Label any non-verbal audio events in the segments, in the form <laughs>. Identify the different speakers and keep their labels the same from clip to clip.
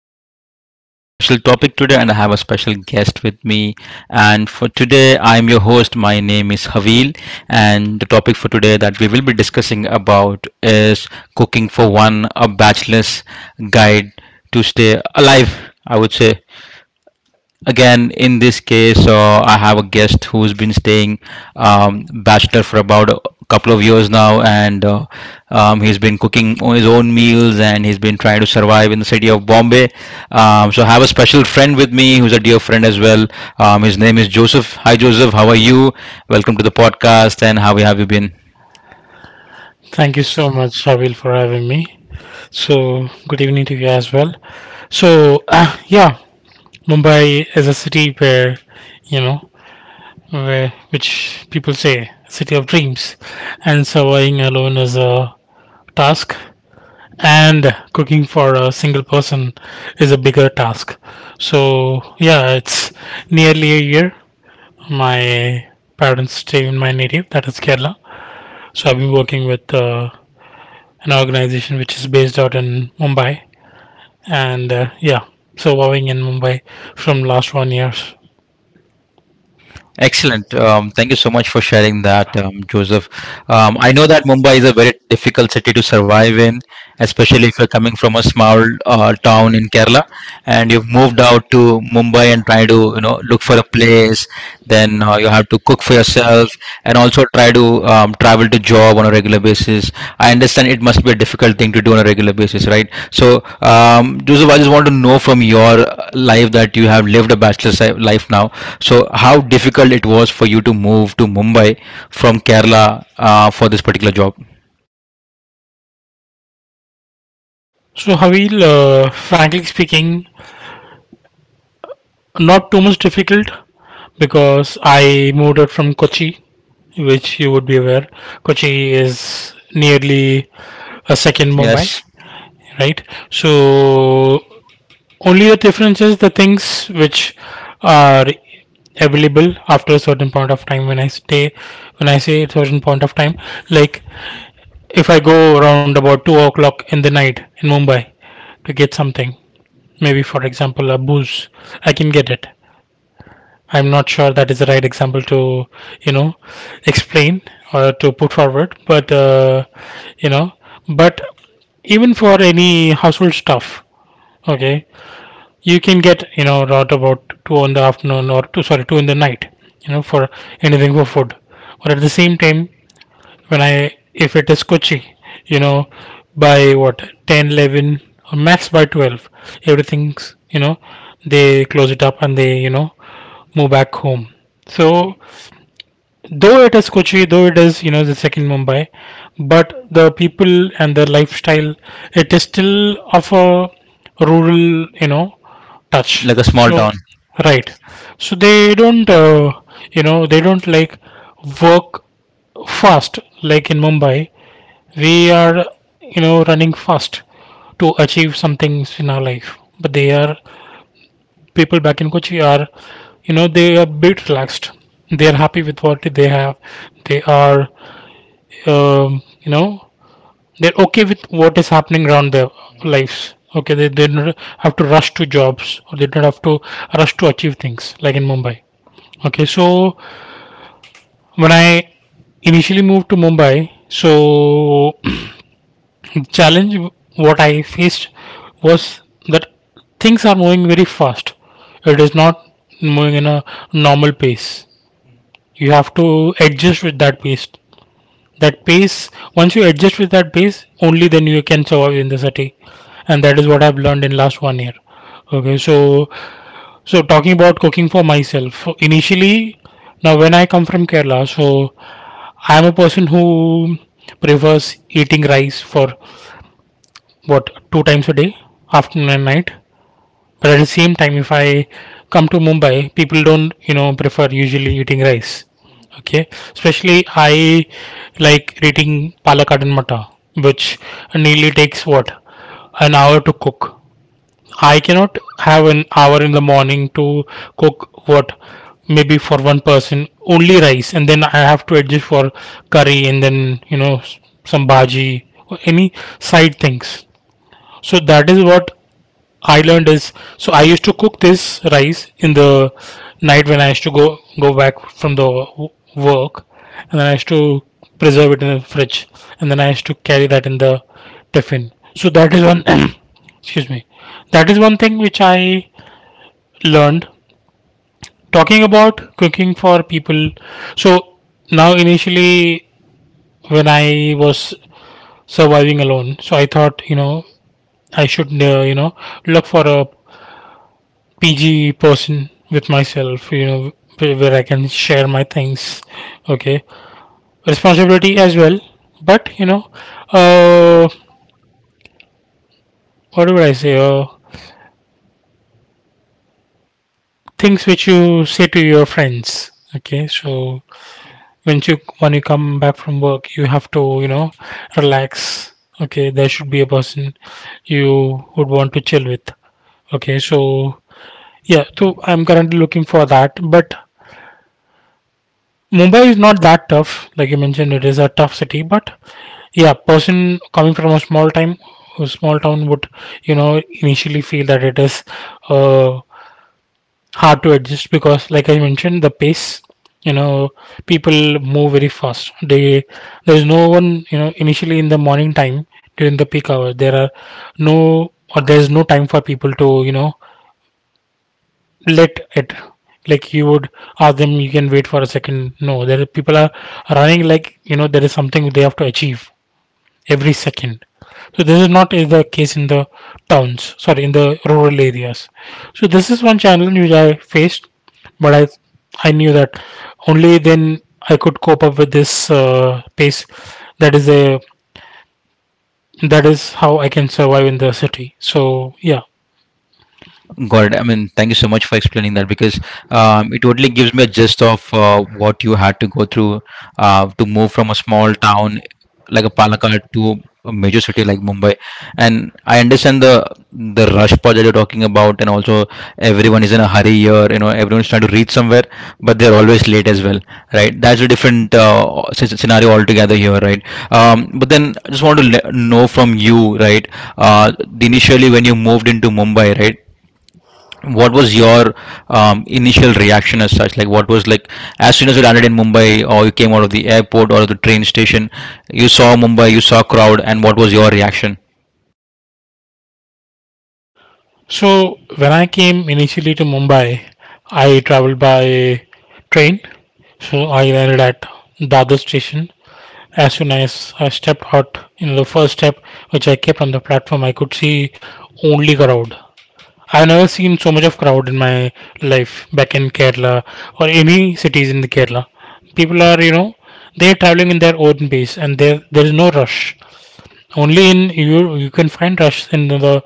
Speaker 1: I have a special topic today and I have a special guest with me. And for today, I am your host. My name is Havil, and the topic for today that we will be discussing about is cooking for one, a bachelor's guide to stay alive. I would say again in this case I have a guest who's been staying bachelor for about a couple of years now and he's been cooking his own meals and he's been trying to survive in the city of Bombay. So I have a special friend with me who's a dear friend as well. His name is Joseph. Hi Joseph, how are you? Welcome to the podcast, and how have you been?
Speaker 2: Thank you so much, Savil, for having me. So, good evening to you as well. So, yeah, Mumbai is a city where, you know, where which people say city of dreams, and surviving alone is a task, and cooking for a single person is a bigger task. So, yeah, it's nearly a year. My parents stay in my native, that is Kerala. So I've been working with an organization which is based out in Mumbai, and yeah, so vowing in Mumbai from last one years.
Speaker 1: Excellent. Thank you so much for sharing that, Joseph. I know that Mumbai is a very difficult city to survive in, especially if you're coming from a small town in Kerala and you've moved out to Mumbai and try to, you know, look for a place. Then you have to cook for yourself and also try to travel to job on a regular basis. I understand it must be a difficult thing to do on a regular basis, right? So, Joseph, I just want to know from your life that you have lived a bachelor's life now, so how difficult it was for you to move to Mumbai from Kerala for this particular job?
Speaker 2: So, Havil, frankly speaking, not too much difficult because I moved out from Kochi, which you would be aware. Kochi is nearly a second Mumbai,
Speaker 1: Yes,
Speaker 2: right? So only the difference is the things which are available after a certain point of time when I say a certain point of time, like if I go around about 2 o'clock in the night in Mumbai to get something, maybe for example a booze, I can get it. I'm not sure that is the right example to you know explain or to put forward, you know, but even for any household stuff, okay, you can get around about two in the afternoon or two sorry two in the night, for anything for food. Or at the same time, when I if it is Kochi, you know, by what 10, 11, or max by 12, everything's they close it up and they move back home. So, though it is Kochi, though it is the second Mumbai, but the people and the lifestyle, it is still of a rural touch.
Speaker 1: like a small
Speaker 2: So,
Speaker 1: town.
Speaker 2: right, so they don't like work fast like in Mumbai. We are running fast to achieve some things in our life, but they are people back in Kochi are they are bit relaxed, they are happy with what they have, they are you know they're okay with what is happening around their lives. Okay, they don't have to rush to jobs or they don't have to rush to achieve things like in Mumbai. Okay, so when I initially moved to Mumbai, so the challenge what I faced was that things are moving very fast. It is not moving in a normal pace. You have to adjust with that pace. That pace, once you adjust with that pace, only then you can survive in the city. And that is what I've learned in last one year. Okay, so talking about cooking for myself. Initially, now when I come from Kerala, so I am a person who prefers eating rice for what 2 times a day, afternoon and night. But at the same time, if I come to Mumbai, people don't prefer usually eating rice. Okay, especially I like eating palak and matta, which nearly takes what an hour to cook. I cannot have an hour in the morning to cook what maybe for one person only rice, and then I have to adjust for curry and then some bhaji or any side things. So that is what I learned is, so I used to cook this rice in the night when I used to go back from the work, and then I used to preserve it in the fridge and then I used to carry that in the tiffin. So that is one <coughs> <clears throat> excuse me, that is one thing which I learned. Talking about cooking for people, so now initially when I was surviving alone, so I thought I should look for a PG person with myself, where I can share my things, okay, responsibility as well. But uh, what would I say? Things which you say to your friends, okay. So, when you come back from work, you have to relax. Okay, there should be a person you would want to chill with. Okay, so yeah, so I'm currently looking for that, but Mumbai is not that tough. Like you mentioned, it is a tough city, but yeah, person coming from a small town would initially feel that it is uh, hard to adjust, because like I mentioned, the pace, you know people move very fast, they there is no one, initially in the morning time, during the peak hours there is no time for people to let it, like you would ask them, you can wait for a second, no, there are people are running, like there is something they have to achieve every second. So this is not is the case in the towns, sorry, in the rural areas. So this is one challenge which I faced, but I knew that only then I could cope up with this pace. That is a that is how I can survive in the city. So yeah.
Speaker 1: Got it. I mean, thank you so much for explaining that because it totally gives me a gist of what you had to go through to move from a small town like a Palakkad to a major city like Mumbai. And I understand the rush part that you're talking about, and also everyone is in a hurry here. You know, everyone's trying to reach somewhere, but they're always late as well, right? That's a different scenario altogether here, right? But then I just want to know from you, right? Uh, Initially when you moved into Mumbai, right? What was your initial reaction, as such? Like what was, like, as soon as you landed in Mumbai or you came out of the airport or the train station, you saw Mumbai, you saw crowd, and what was your reaction?
Speaker 2: So when I came initially to Mumbai, I traveled by train. So I landed at Dadar station. As soon as I stepped out in the first step, which I kept on the platform, I could see only crowd. I've never seen so much of crowd in my life back in Kerala or any cities in the Kerala. People are, they're traveling in their own pace and there is no rush. Only in you you can find rush in the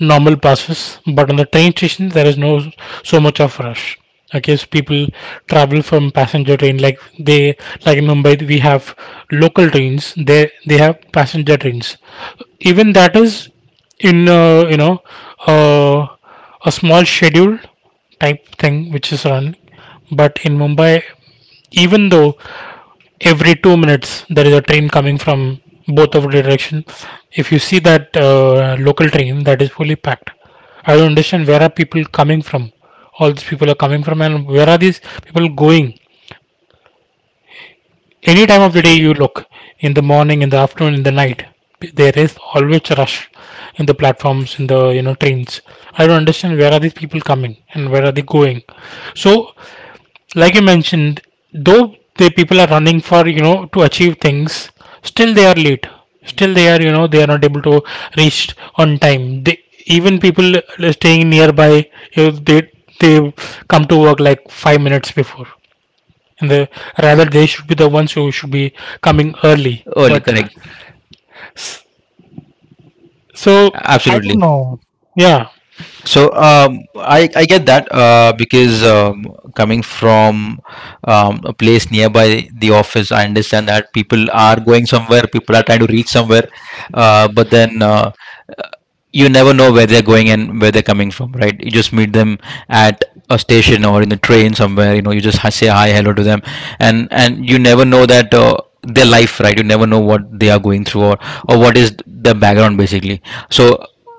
Speaker 2: normal buses, but on the train station there is no so much of rush. Okay, so people travel from passenger train, like in Mumbai we have local trains. They have passenger trains. Even that is in uh, a small schedule type thing which is run, but in Mumbai, even though every 2 minutes there is a train coming from both of the direction, if you see that local train, that is fully packed. I don't understand where are people coming from. All these people are coming from, and where are these people going? Any time of the day you look, in the morning, in the afternoon, in the night, there is always rush in the platforms, in the trains. I don't understand where are these people coming and where are they going. So, like you mentioned, though the people are running for you know to achieve things, still they are late. Still they are not able to reach on time. They Even people staying nearby, if they come to work like 5 minutes before, and the rather they should be the ones who should be coming early.
Speaker 1: Early,
Speaker 2: But
Speaker 1: correct.
Speaker 2: so I
Speaker 1: Absolutely.
Speaker 2: don't know. Yeah.
Speaker 1: So I get that because coming from a place nearby the office, I understand that people are going somewhere, people are trying to reach somewhere, but then you never know where they're going and where they're coming from, right? You just meet them at a station or in the train somewhere. You know, you just say hi, hello to them, and you never know that their life, right? You never know what they are going through, or what is the background basically. So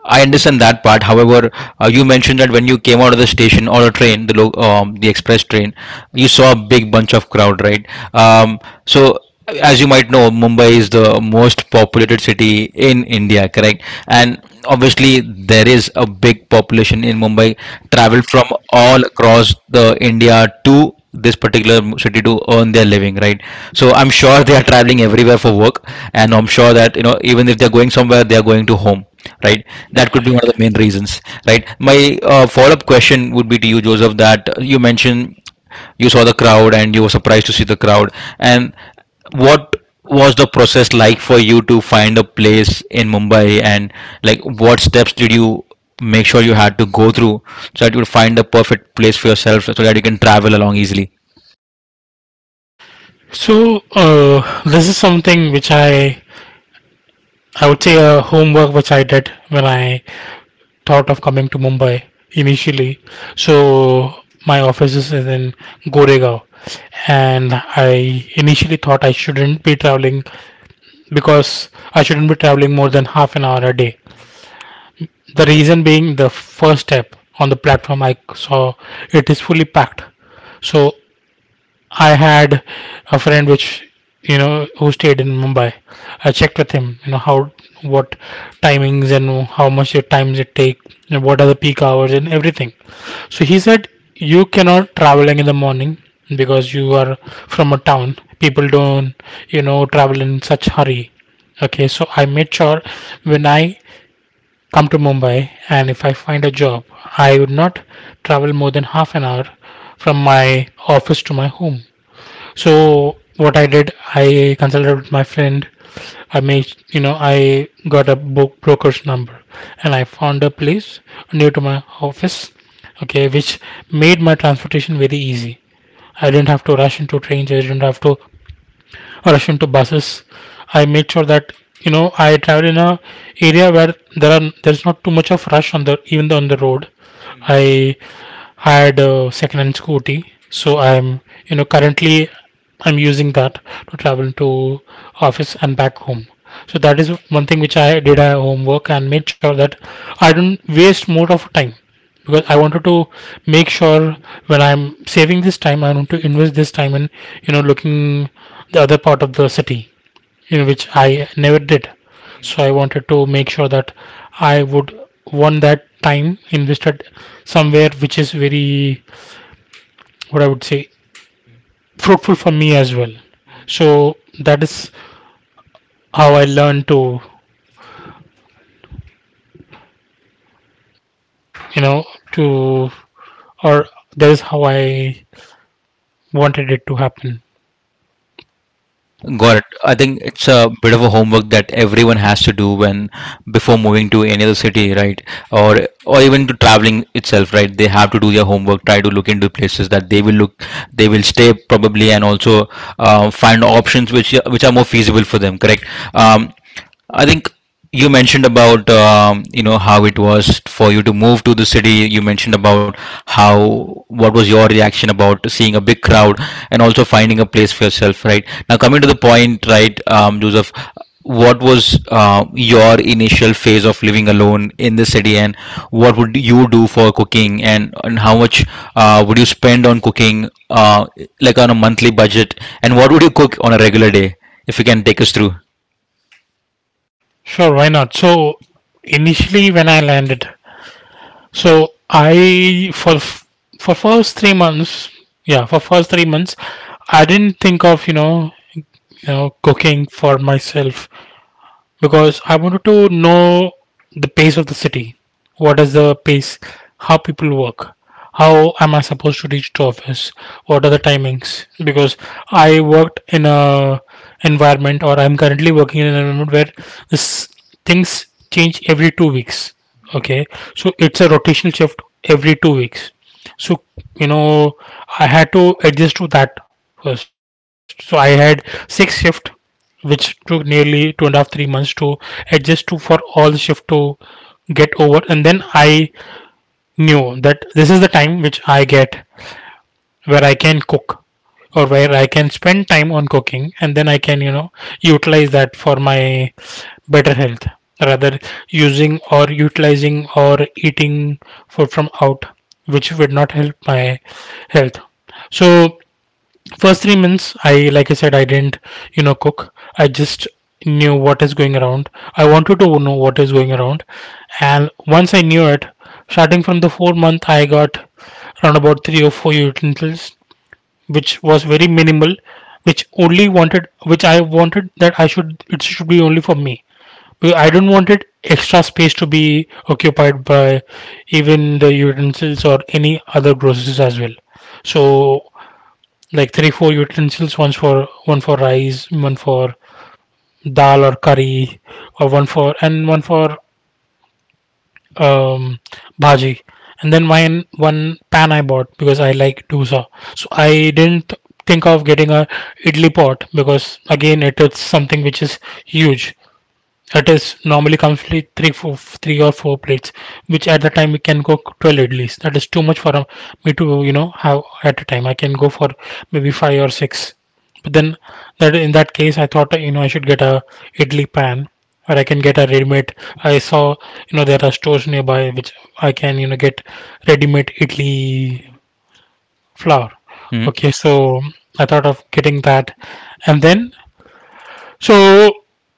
Speaker 1: I understand that part. However, you mentioned that when you came out of the station or a train, the the express train, you saw a big bunch of crowd, right? Um, so as you might know, Mumbai is the most populated city in India, correct? And obviously, there is a big population in Mumbai, travel from all across the India to this particular city to earn their living, right? So I'm sure they are traveling everywhere for work, and I'm sure that you know even if they're going somewhere, they are going to home, right? That could be one of the main reasons, right? My follow-up question would be to you, Joseph, that you mentioned you saw the crowd and you were surprised to see the crowd, and what was the process like for you to find a place in Mumbai, and like what steps did you make sure you had to go through so that you would find the perfect place for yourself so that you can travel along easily?
Speaker 2: So this is something which I would say a homework which I did when I thought of coming to Mumbai initially. So my office is in Goregaon, and I initially thought I shouldn't be traveling because I shouldn't be traveling more than half an hour a day. The reason being the first step on the platform I saw it is fully packed. So I had a friend which you know who stayed in Mumbai. I checked with him, you know how what timings and how much your times it take and what are the peak hours and everything. So he said you cannot traveling in the morning because you are from a town. People don't travel in such hurry. Okay, so I made sure when I come to Mumbai and if I find a job, I would not travel more than half an hour from my office to my home. So what I did, I consulted with my friend. I made, you know, I got a book broker's number, and I found a place near to my office. Okay, which made my transportation very easy. I didn't have to rush into trains. I didn't have to or rush into buses. I made sure that I travel in a area where there's not too much of rush on the even though on the road. I had a second-hand scooty, so I'm you know currently I'm using that to travel to office and back home. So that is one thing which I did a homework, and made sure that I don't waste more of time, because I wanted to make sure when I'm saving this time, I want to invest this time in looking the other part of the city, in which I never did. So I wanted to make sure that I would want that time invested somewhere which is very, what I would say, fruitful for me as well. So that is how I learned to, you know, to, or that is how I wanted it to happen.
Speaker 1: Got it. I think it's a bit of a homework that everyone has to do when before moving to any other city, right? Or or even to traveling itself, right? They have to do their homework, try to look into places that they will look, they will stay probably, and also find options which are more feasible for them. Correct. Um, I think you mentioned about you know how it was for you to move to the city. You mentioned about how what was your reaction about seeing a big crowd and also finding a place for yourself, right? Now coming to the point, right, Joseph, what was your initial phase of living alone in the city, and what would you do for cooking, and how much would you spend on cooking, like on a monthly budget, and what would you cook on a regular day, if you can take us through?
Speaker 2: Sure, why not? So initially, when I landed, So I for first 3 months, yeah, for first three months, I didn't think of cooking for myself because I wanted to know the pace of the city. What is the pace? How people work? How am I supposed to reach the office? What are the timings? Because I worked in a environment, or I'm currently working in an environment where this things change every 2 weeks. Okay, so it's a rotational shift every 2 weeks. So, you know, I had to adjust to that first. So I had six shift which took nearly two and a half, 3 months to adjust to for all the shift to get over. And then I knew that this is the time which I get, where I can cook or where I can spend time on cooking, and then I can, utilize that for my better health, rather using or utilizing or eating food from out, which would not help my health. So first 3 months, I, like I said, I didn't cook. I just knew what is going around. I wanted to know what is going around, and once I knew it, starting from the fourth month, I got around about three or four utensils, which was very minimal, which only wanted, which I wanted that I should, it should be only for me, because I don't wanted extra space to be occupied by even the utensils or any other groceries as well. So like three four utensils, one for rice, one for dal or curry, or one for um bhaji, and then mine one pan I bought because I like dosa. So I didn't think of getting a idli pot, because again it is something which is huge, that is normally comes with three, four, three or four plates, which at the time we can cook 12 idlis. That is too much for me to have at a time. I can go for maybe five or six. But then that, in that case, I thought, I should get a idli pan, or I can get a ready-made. I saw there are stores nearby which I can get ready-made idli flour.
Speaker 1: Mhm.
Speaker 2: Okay, so I thought of getting that, and then so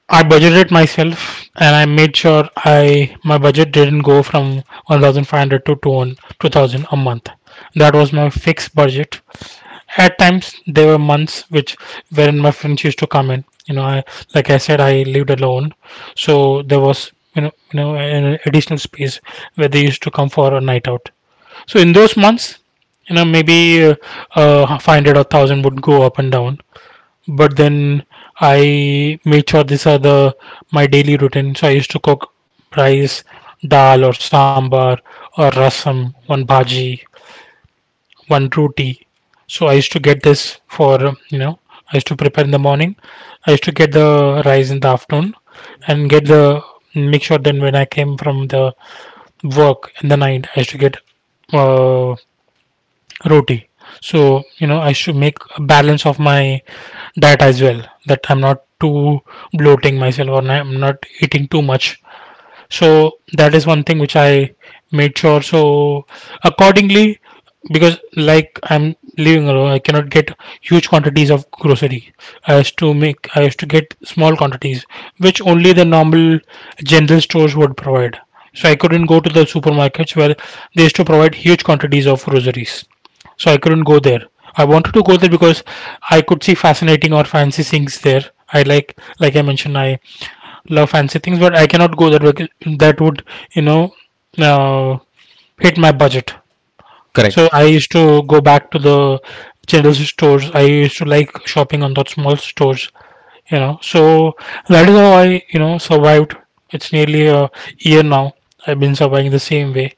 Speaker 2: I budgeted myself and I made sure I my budget didn't go from 1,500 to 200 2,000 a month. That was my fixed budget. At times there were months which wherein my friends used to come in. I, like I said, I lived alone, so there was an additional space where they used to come for a night out. So in those months, maybe 500 or 1000 would go up and down, but then I made sure these are the my daily routine. So I used to cook rice, dal or sambar or rasam, one bhaji, one roti. So I used to get this for, you know I used to prepare in the morning. I used to get the rice in the afternoon, and get the, make sure then when I came from the work in the night I used to get uh, roti, so I should make a balance of my diet as well, that I'm not too bloating myself or I'm not eating too much. So that is one thing which I made sure. So accordingly, because like I'm living alone, I cannot get huge quantities of grocery, I used to get small quantities, which only the normal general stores would provide. So I couldn't go to the supermarkets, where they used to provide huge quantities of groceries, so I couldn't go there. I wanted to go there because I could see fascinating or fancy things there. I Like I mentioned, I love fancy things, but I cannot go that way. That would, you know, uh, hit my budget.
Speaker 1: Correct.
Speaker 2: So I used to go back to the general stores. I used to like shopping on those small stores. So that is how I survived. It's nearly a year now. I've been surviving the same way.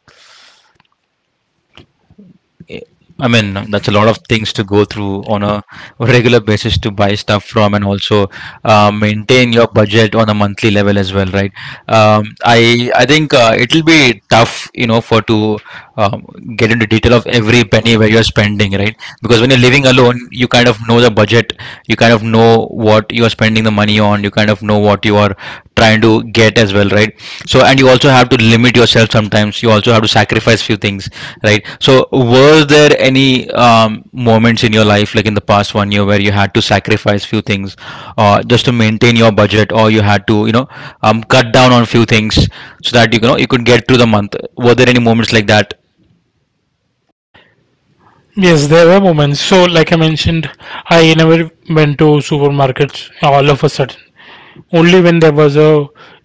Speaker 1: I mean, that's a lot of things to go through on a regular basis to buy stuff from and also maintain your budget on a monthly level as well, right? I think it'll be tough, you know, for to um, get into detail of every penny where you're spending, right? Because when you're living alone, you kind of know the budget, you kind of know what you are spending the money on, you kind of know what you are trying to get as well, right? So, and you also have to limit yourself sometimes. You also have to sacrifice few things, right? So, were there any moments in your life, like in the past one year, where you had to sacrifice few things just to maintain your budget, or you had to, you know, cut down on few things so that you know you could get through the month? Were there any moments like that?
Speaker 2: Yes, there were moments. So, like I mentioned, I never went to supermarkets all of a sudden. Only when there was a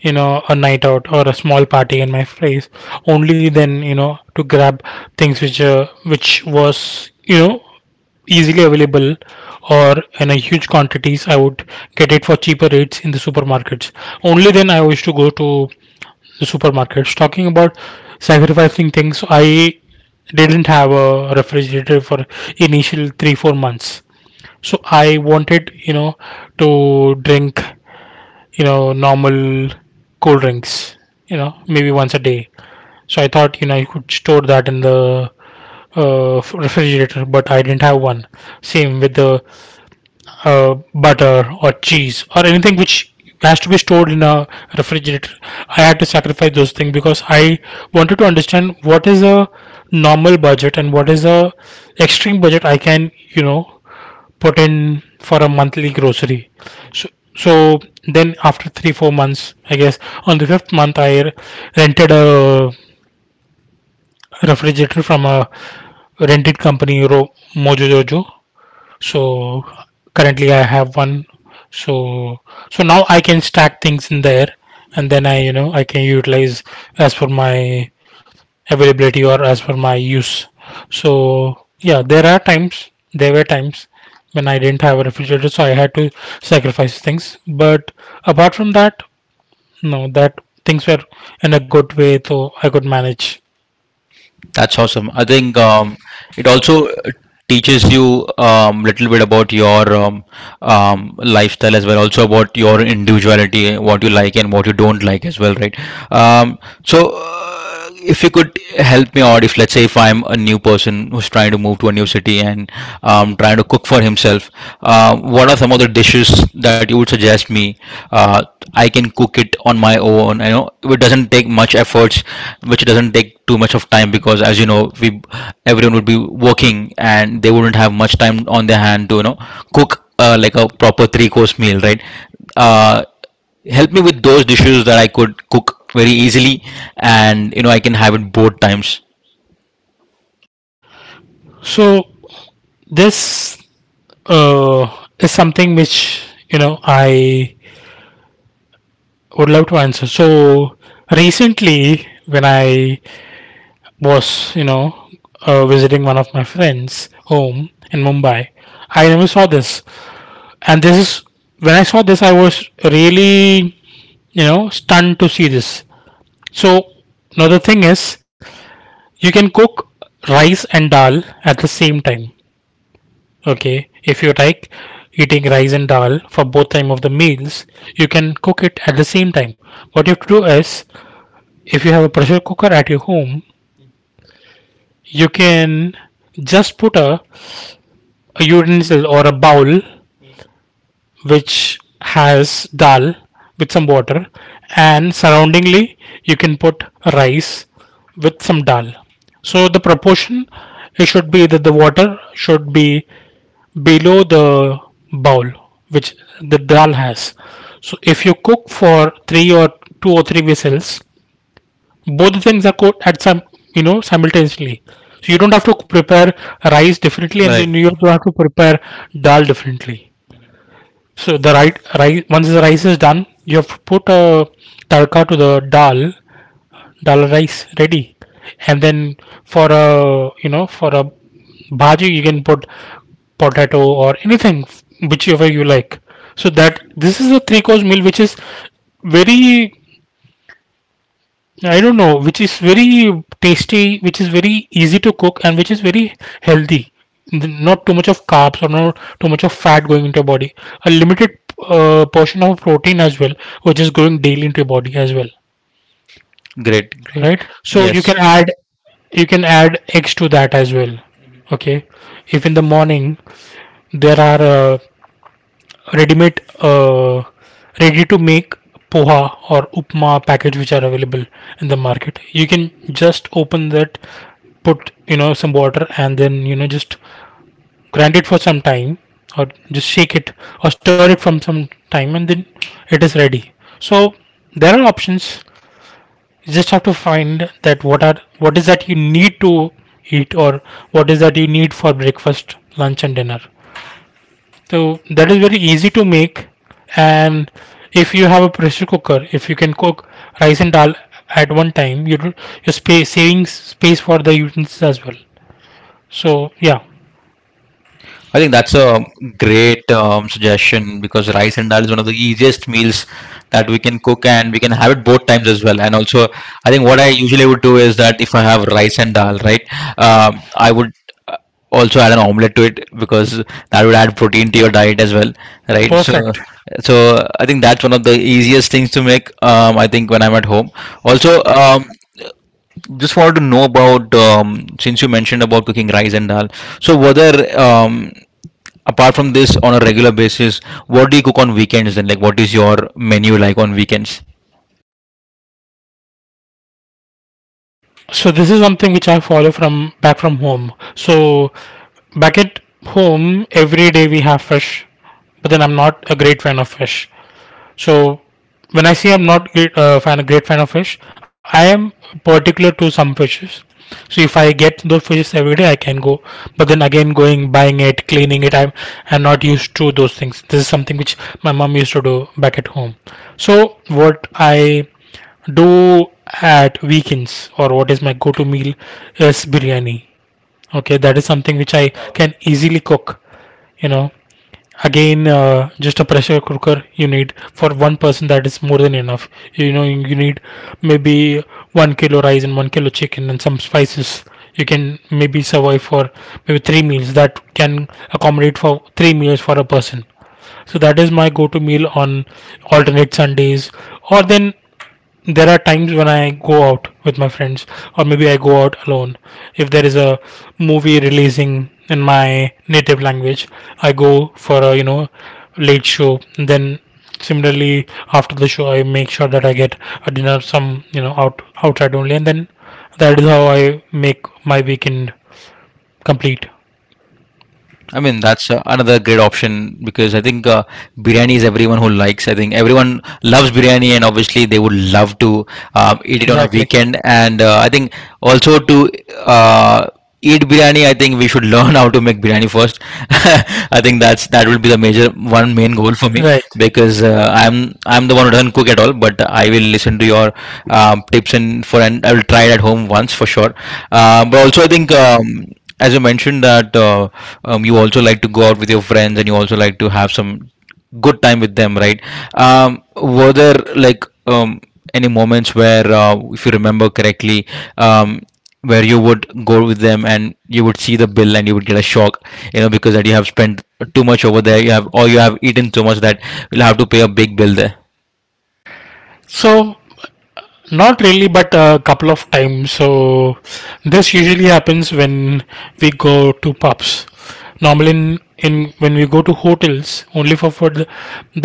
Speaker 2: you know a night out or a small party in my place, only then, to grab things which was easily available, or in a huge quantities I would get it for cheaper rates in the supermarkets, only then I used to go to the supermarkets. Talking about sacrificing things, I didn't have a refrigerator for initial 3 4 months. So I wanted, to drink, normal cold drinks, maybe once a day, so I thought I could store that in the refrigerator, but I didn't have one. Same with the butter or cheese or anything which has to be stored in a refrigerator. I had to sacrifice those things because I wanted to understand what is a normal budget and what is a extreme budget I can, put in for a monthly grocery. So, so then after three four months, I guess on the fifth month, I rented a refrigerator from a rented company, Mojo Jojo. So currently I have one. So now I can stack things in there, and then I you know I can utilize as per my availability or as per my use. So yeah, there are times, there were times when I didn't have a refrigerator, so I had to sacrifice things. But apart from that, no, that things were in a good way, so I could manage.
Speaker 1: That's awesome. I think it also teaches you little bit about your lifestyle as well, also about your individuality, what you like and what you don't like as well, right? um, so uh, if you could help me out, if let's say if I'm a new person who's trying to move to a new city and trying to cook for himself, what are some of the dishes that you would suggest me uh, I can cook it on my own? You know, it doesn't take much efforts, which doesn't take too much of time because as you know, we everyone would be working and they wouldn't have much time on their hand to you know cook like a proper three course meal, right? Uh, Help me with those dishes that I could cook very easily, and you know I can have it both times.
Speaker 2: So this is something which I would love to answer. So recently, when I was, visiting one of my friends' home in Mumbai, I never saw this, and this is when I saw this, I was really stunned to see this. So now the thing is, you can cook rice and dal at the same time. Okay, if you like eating rice and dal for both time of the meals, you can cook it at the same time. What you have to do is, if you have a pressure cooker at your home, you can just put a utensil or a bowl which has dal with some water, and surroundingly you can put rice with some dal. So the proportion, it should be that the water should be below the bowl which the dal has. So if you cook for three or two or three whistles, both things are cooked at some, simultaneously. So you don't have to prepare rice differently, and
Speaker 1: Right.
Speaker 2: then you don't have to prepare dal differently. So the right rice, once the rice is done, you have to put a tadka to the dal, dal rice ready, and then for a, bhaji, you can put potato or anything whichever you like. So that, this is a three course meal which is very, I don't know, which is very tasty, which is very easy to cook, and which is very healthy. Not too much of carbs or not too much of fat going into your body. A limited portion of protein as well, which is going daily into your body as well,
Speaker 1: Great. Great.
Speaker 2: right? So you
Speaker 1: Yes.
Speaker 2: can add, eggs to that as well. Okay, if in the morning there are, ready-made, uh, ready-to-make poha or upma package which are available in the market, you can just open that, put, some water, and then, just grind it for some time, or just shake it or stir it from some time, and then it is ready. So there are options. You just have to find that, what is that you need to eat, or what is that you need for breakfast, lunch, and dinner. So that is very easy to make. And if you have a pressure cooker, if you can cook rice and dal at one time, you're saving space for the utensils as well. So yeah,
Speaker 1: I think that's a great suggestion because rice and dal is one of the easiest meals that we can cook and we can have it both times as well. And also, I think what I usually would do is that if I have rice and dal, right, um, I would uh, also add an omelette to it because that would add protein to your diet as well, right? So,
Speaker 2: perfect.
Speaker 1: so I think that's one of the easiest things to make. I think when I'm at home. Also, just wanted to know about since you mentioned about cooking rice and dal. So, were there apart from this, on a regular basis, what do you cook on weekends? And like, what is your menu like on weekends?
Speaker 2: So this is something which I follow from back from home. So back at home, every day we have fish, but then I'm not a great fan of fish. So when I say I'm not a great fan of fish, I am particular to some fishes. So if I get those fishes every day, I can go. But then again, going buying it, cleaning it, I'm not used to those things. This is something which my mom used to do back at home. So what I do at weekends, or what is my go-to meal, is biryani. Okay, that is something which I can easily cook. You know, again just a pressure cooker you need for one person, that is more than enough. You need maybe 1 kilo rice and 1 kilo chicken and some spices. You can maybe survive for maybe three meals. That can accommodate for three meals for a person. So that is my go-to meal on alternate Sundays, or then there are times when I go out with my friends, or maybe I go out alone. If there is a movie releasing in my native language, I go for a late show. Then similarly, after the show, I make sure that I get a dinner some outside only, and then that is how I make my weekend complete.
Speaker 1: I mean, that's another great option because I think biryani is everyone who likes. I think everyone loves biryani, and obviously they would love to eat it on a
Speaker 2: Exactly.
Speaker 1: weekend. And I think also to uh, eat biryani, I think we should <laughs> learn how to make biryani first. <laughs> I think that's that will be the major one main goal for me,
Speaker 2: Right.
Speaker 1: because I'm the one who doesn't cook at all. But I will listen to your tips and for and I will try it at home once for sure. But also I think.
Speaker 2: Right.
Speaker 1: As you mentioned that you also like to go out with your friends and you also like to have some good time with them, right? Were there like any moments where if you remember correctly, um, where you would go with them and you would see the bill and you would get a shock, you know, because that you have spent too much over there, you have or you have eaten so much that you'll have to pay a big bill there?
Speaker 2: So not really, but a couple of times. So this usually happens when we go to pubs. Normally, in when we go to hotels, only for food,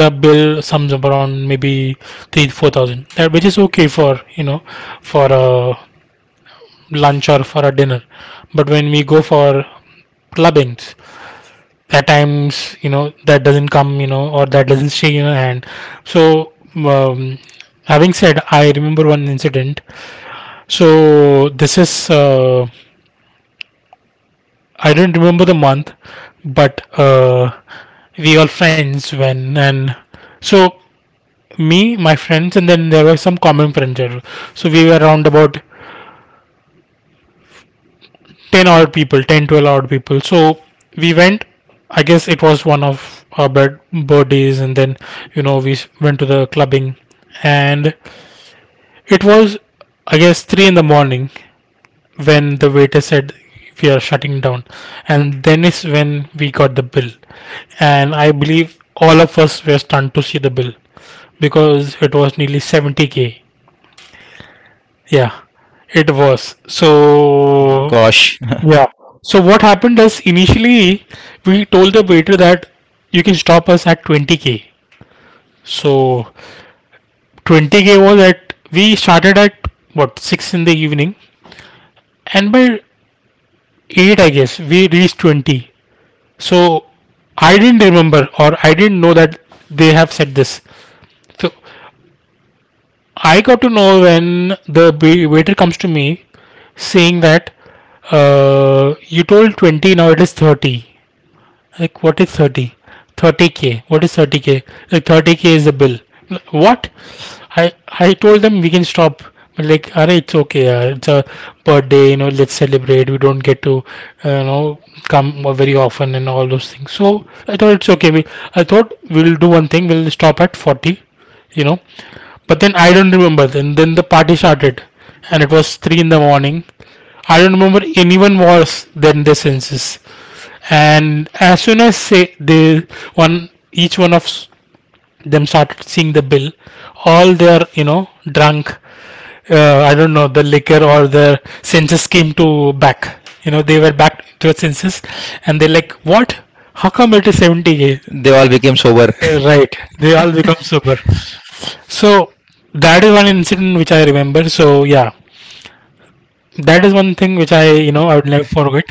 Speaker 2: the bill sums up around maybe 3-4 thousand, That which is okay for for a lunch or for a dinner. But when we go for clubbings, at times that doesn't come, or that doesn't stay in your hand. So um, having said, I remember one incident. So this is, I don't remember the month, but we all friends when and so me, my friends, and then there were some common friends there. So we were around about 10 odd people, 10, 12 odd people. So we went. I guess it was one of our bed birthdays, and then we went to the clubbing, and it was, I guess, 3 in the morning, when the waiter said we are shutting down, and then is when we got the bill. And I believe all of us were stunned to see the bill because it was nearly 70k. Yeah, it was so.
Speaker 1: Gosh.
Speaker 2: Yeah. So what happened is, initially we told the waiter that you can stop us at 20k. So 20k was at, we started at, what, 6 in the evening, and by 8 I guess we reached 20. So I didn't remember or I didn't know that they have said this. So I got to know when the waiter comes to me saying that you told 20, now it is 30. Like, what is 30? 30k. What is 30k? Like, 30k is the bill. Like, what? I I told them we can stop. Like, array, it's okay, yaar. It's a birthday, let's celebrate. We don't get to, uh, you know, come very often and all those things. So I thought it's okay. We, I thought we'll do one thing. We'll stop at 40, you know. But then I don't remember. Then the party started, and it was 3 in the morning. I don't remember anyone was there in their senses. And as soon as, say, they, one each one of them started seeing the bill, all their drunk, I don't know, the liquor or their senses came to back. They were back to their senses, and they're like, what, how come it is 70?
Speaker 1: <laughs> They all became sober.
Speaker 2: Right. They all become sober. So that is one incident which I remember. So yeah, that is one thing which I you know I would never forget.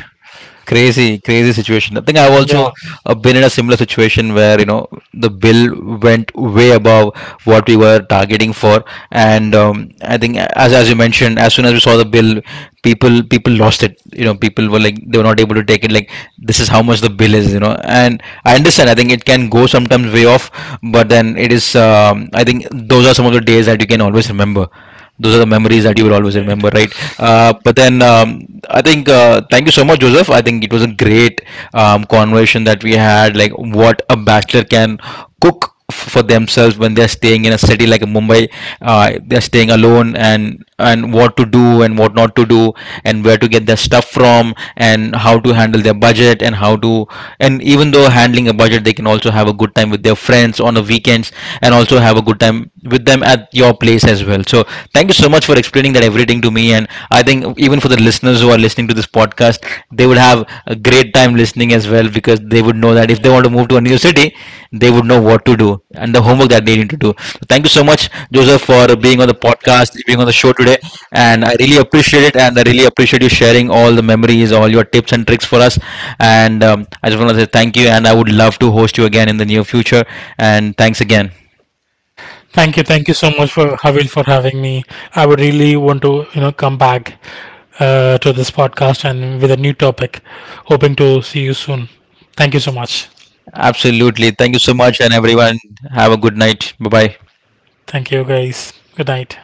Speaker 1: Crazy, crazy situation. I think I've also
Speaker 2: Yeah.
Speaker 1: been in a similar situation where you know the bill went way above what we were targeting for. And I think as you mentioned, as soon as we saw the bill, people, people lost it. You know, people were like they were not able to take it, like this is how much the bill is, you know. And I understand, I think it can go sometimes way off, but then it is I think those are some of the days that you can always remember. Those are the memories that you will always
Speaker 2: Right.
Speaker 1: remember, right? But then I think thank you so much, Joseph. I think it was a great conversation that we had, like what a bachelor can cook for themselves when they're staying in a city like Mumbai. They're staying alone, and what to do and what not to do, and where to get their stuff from, and how to handle their budget, and how to and even though handling a budget, they can also have a good time with their friends on the weekends, and also have a good time with them at your place as well. So thank you so much for explaining that everything to me. And I think even for the listeners who are listening to this podcast, they would have a great time listening as well because they would know that if they want to move to a new city, they would know what to do and the homework that they need to do. So thank you so much, Joseph, for being on the podcast, being on the show today. And I really appreciate it. And I really appreciate you sharing all the memories, all your tips and tricks for us. And I just want to say thank you. And I would love to host you again in the near future. And thanks again.
Speaker 2: Thank you so much for Havil for having me. I would really want to come back to this podcast and with a new topic. Hoping to see you soon. Thank you so much.
Speaker 1: Absolutely. Thank you so much, and everyone, have a good night. Bye bye.
Speaker 2: Thank you guys. Good night.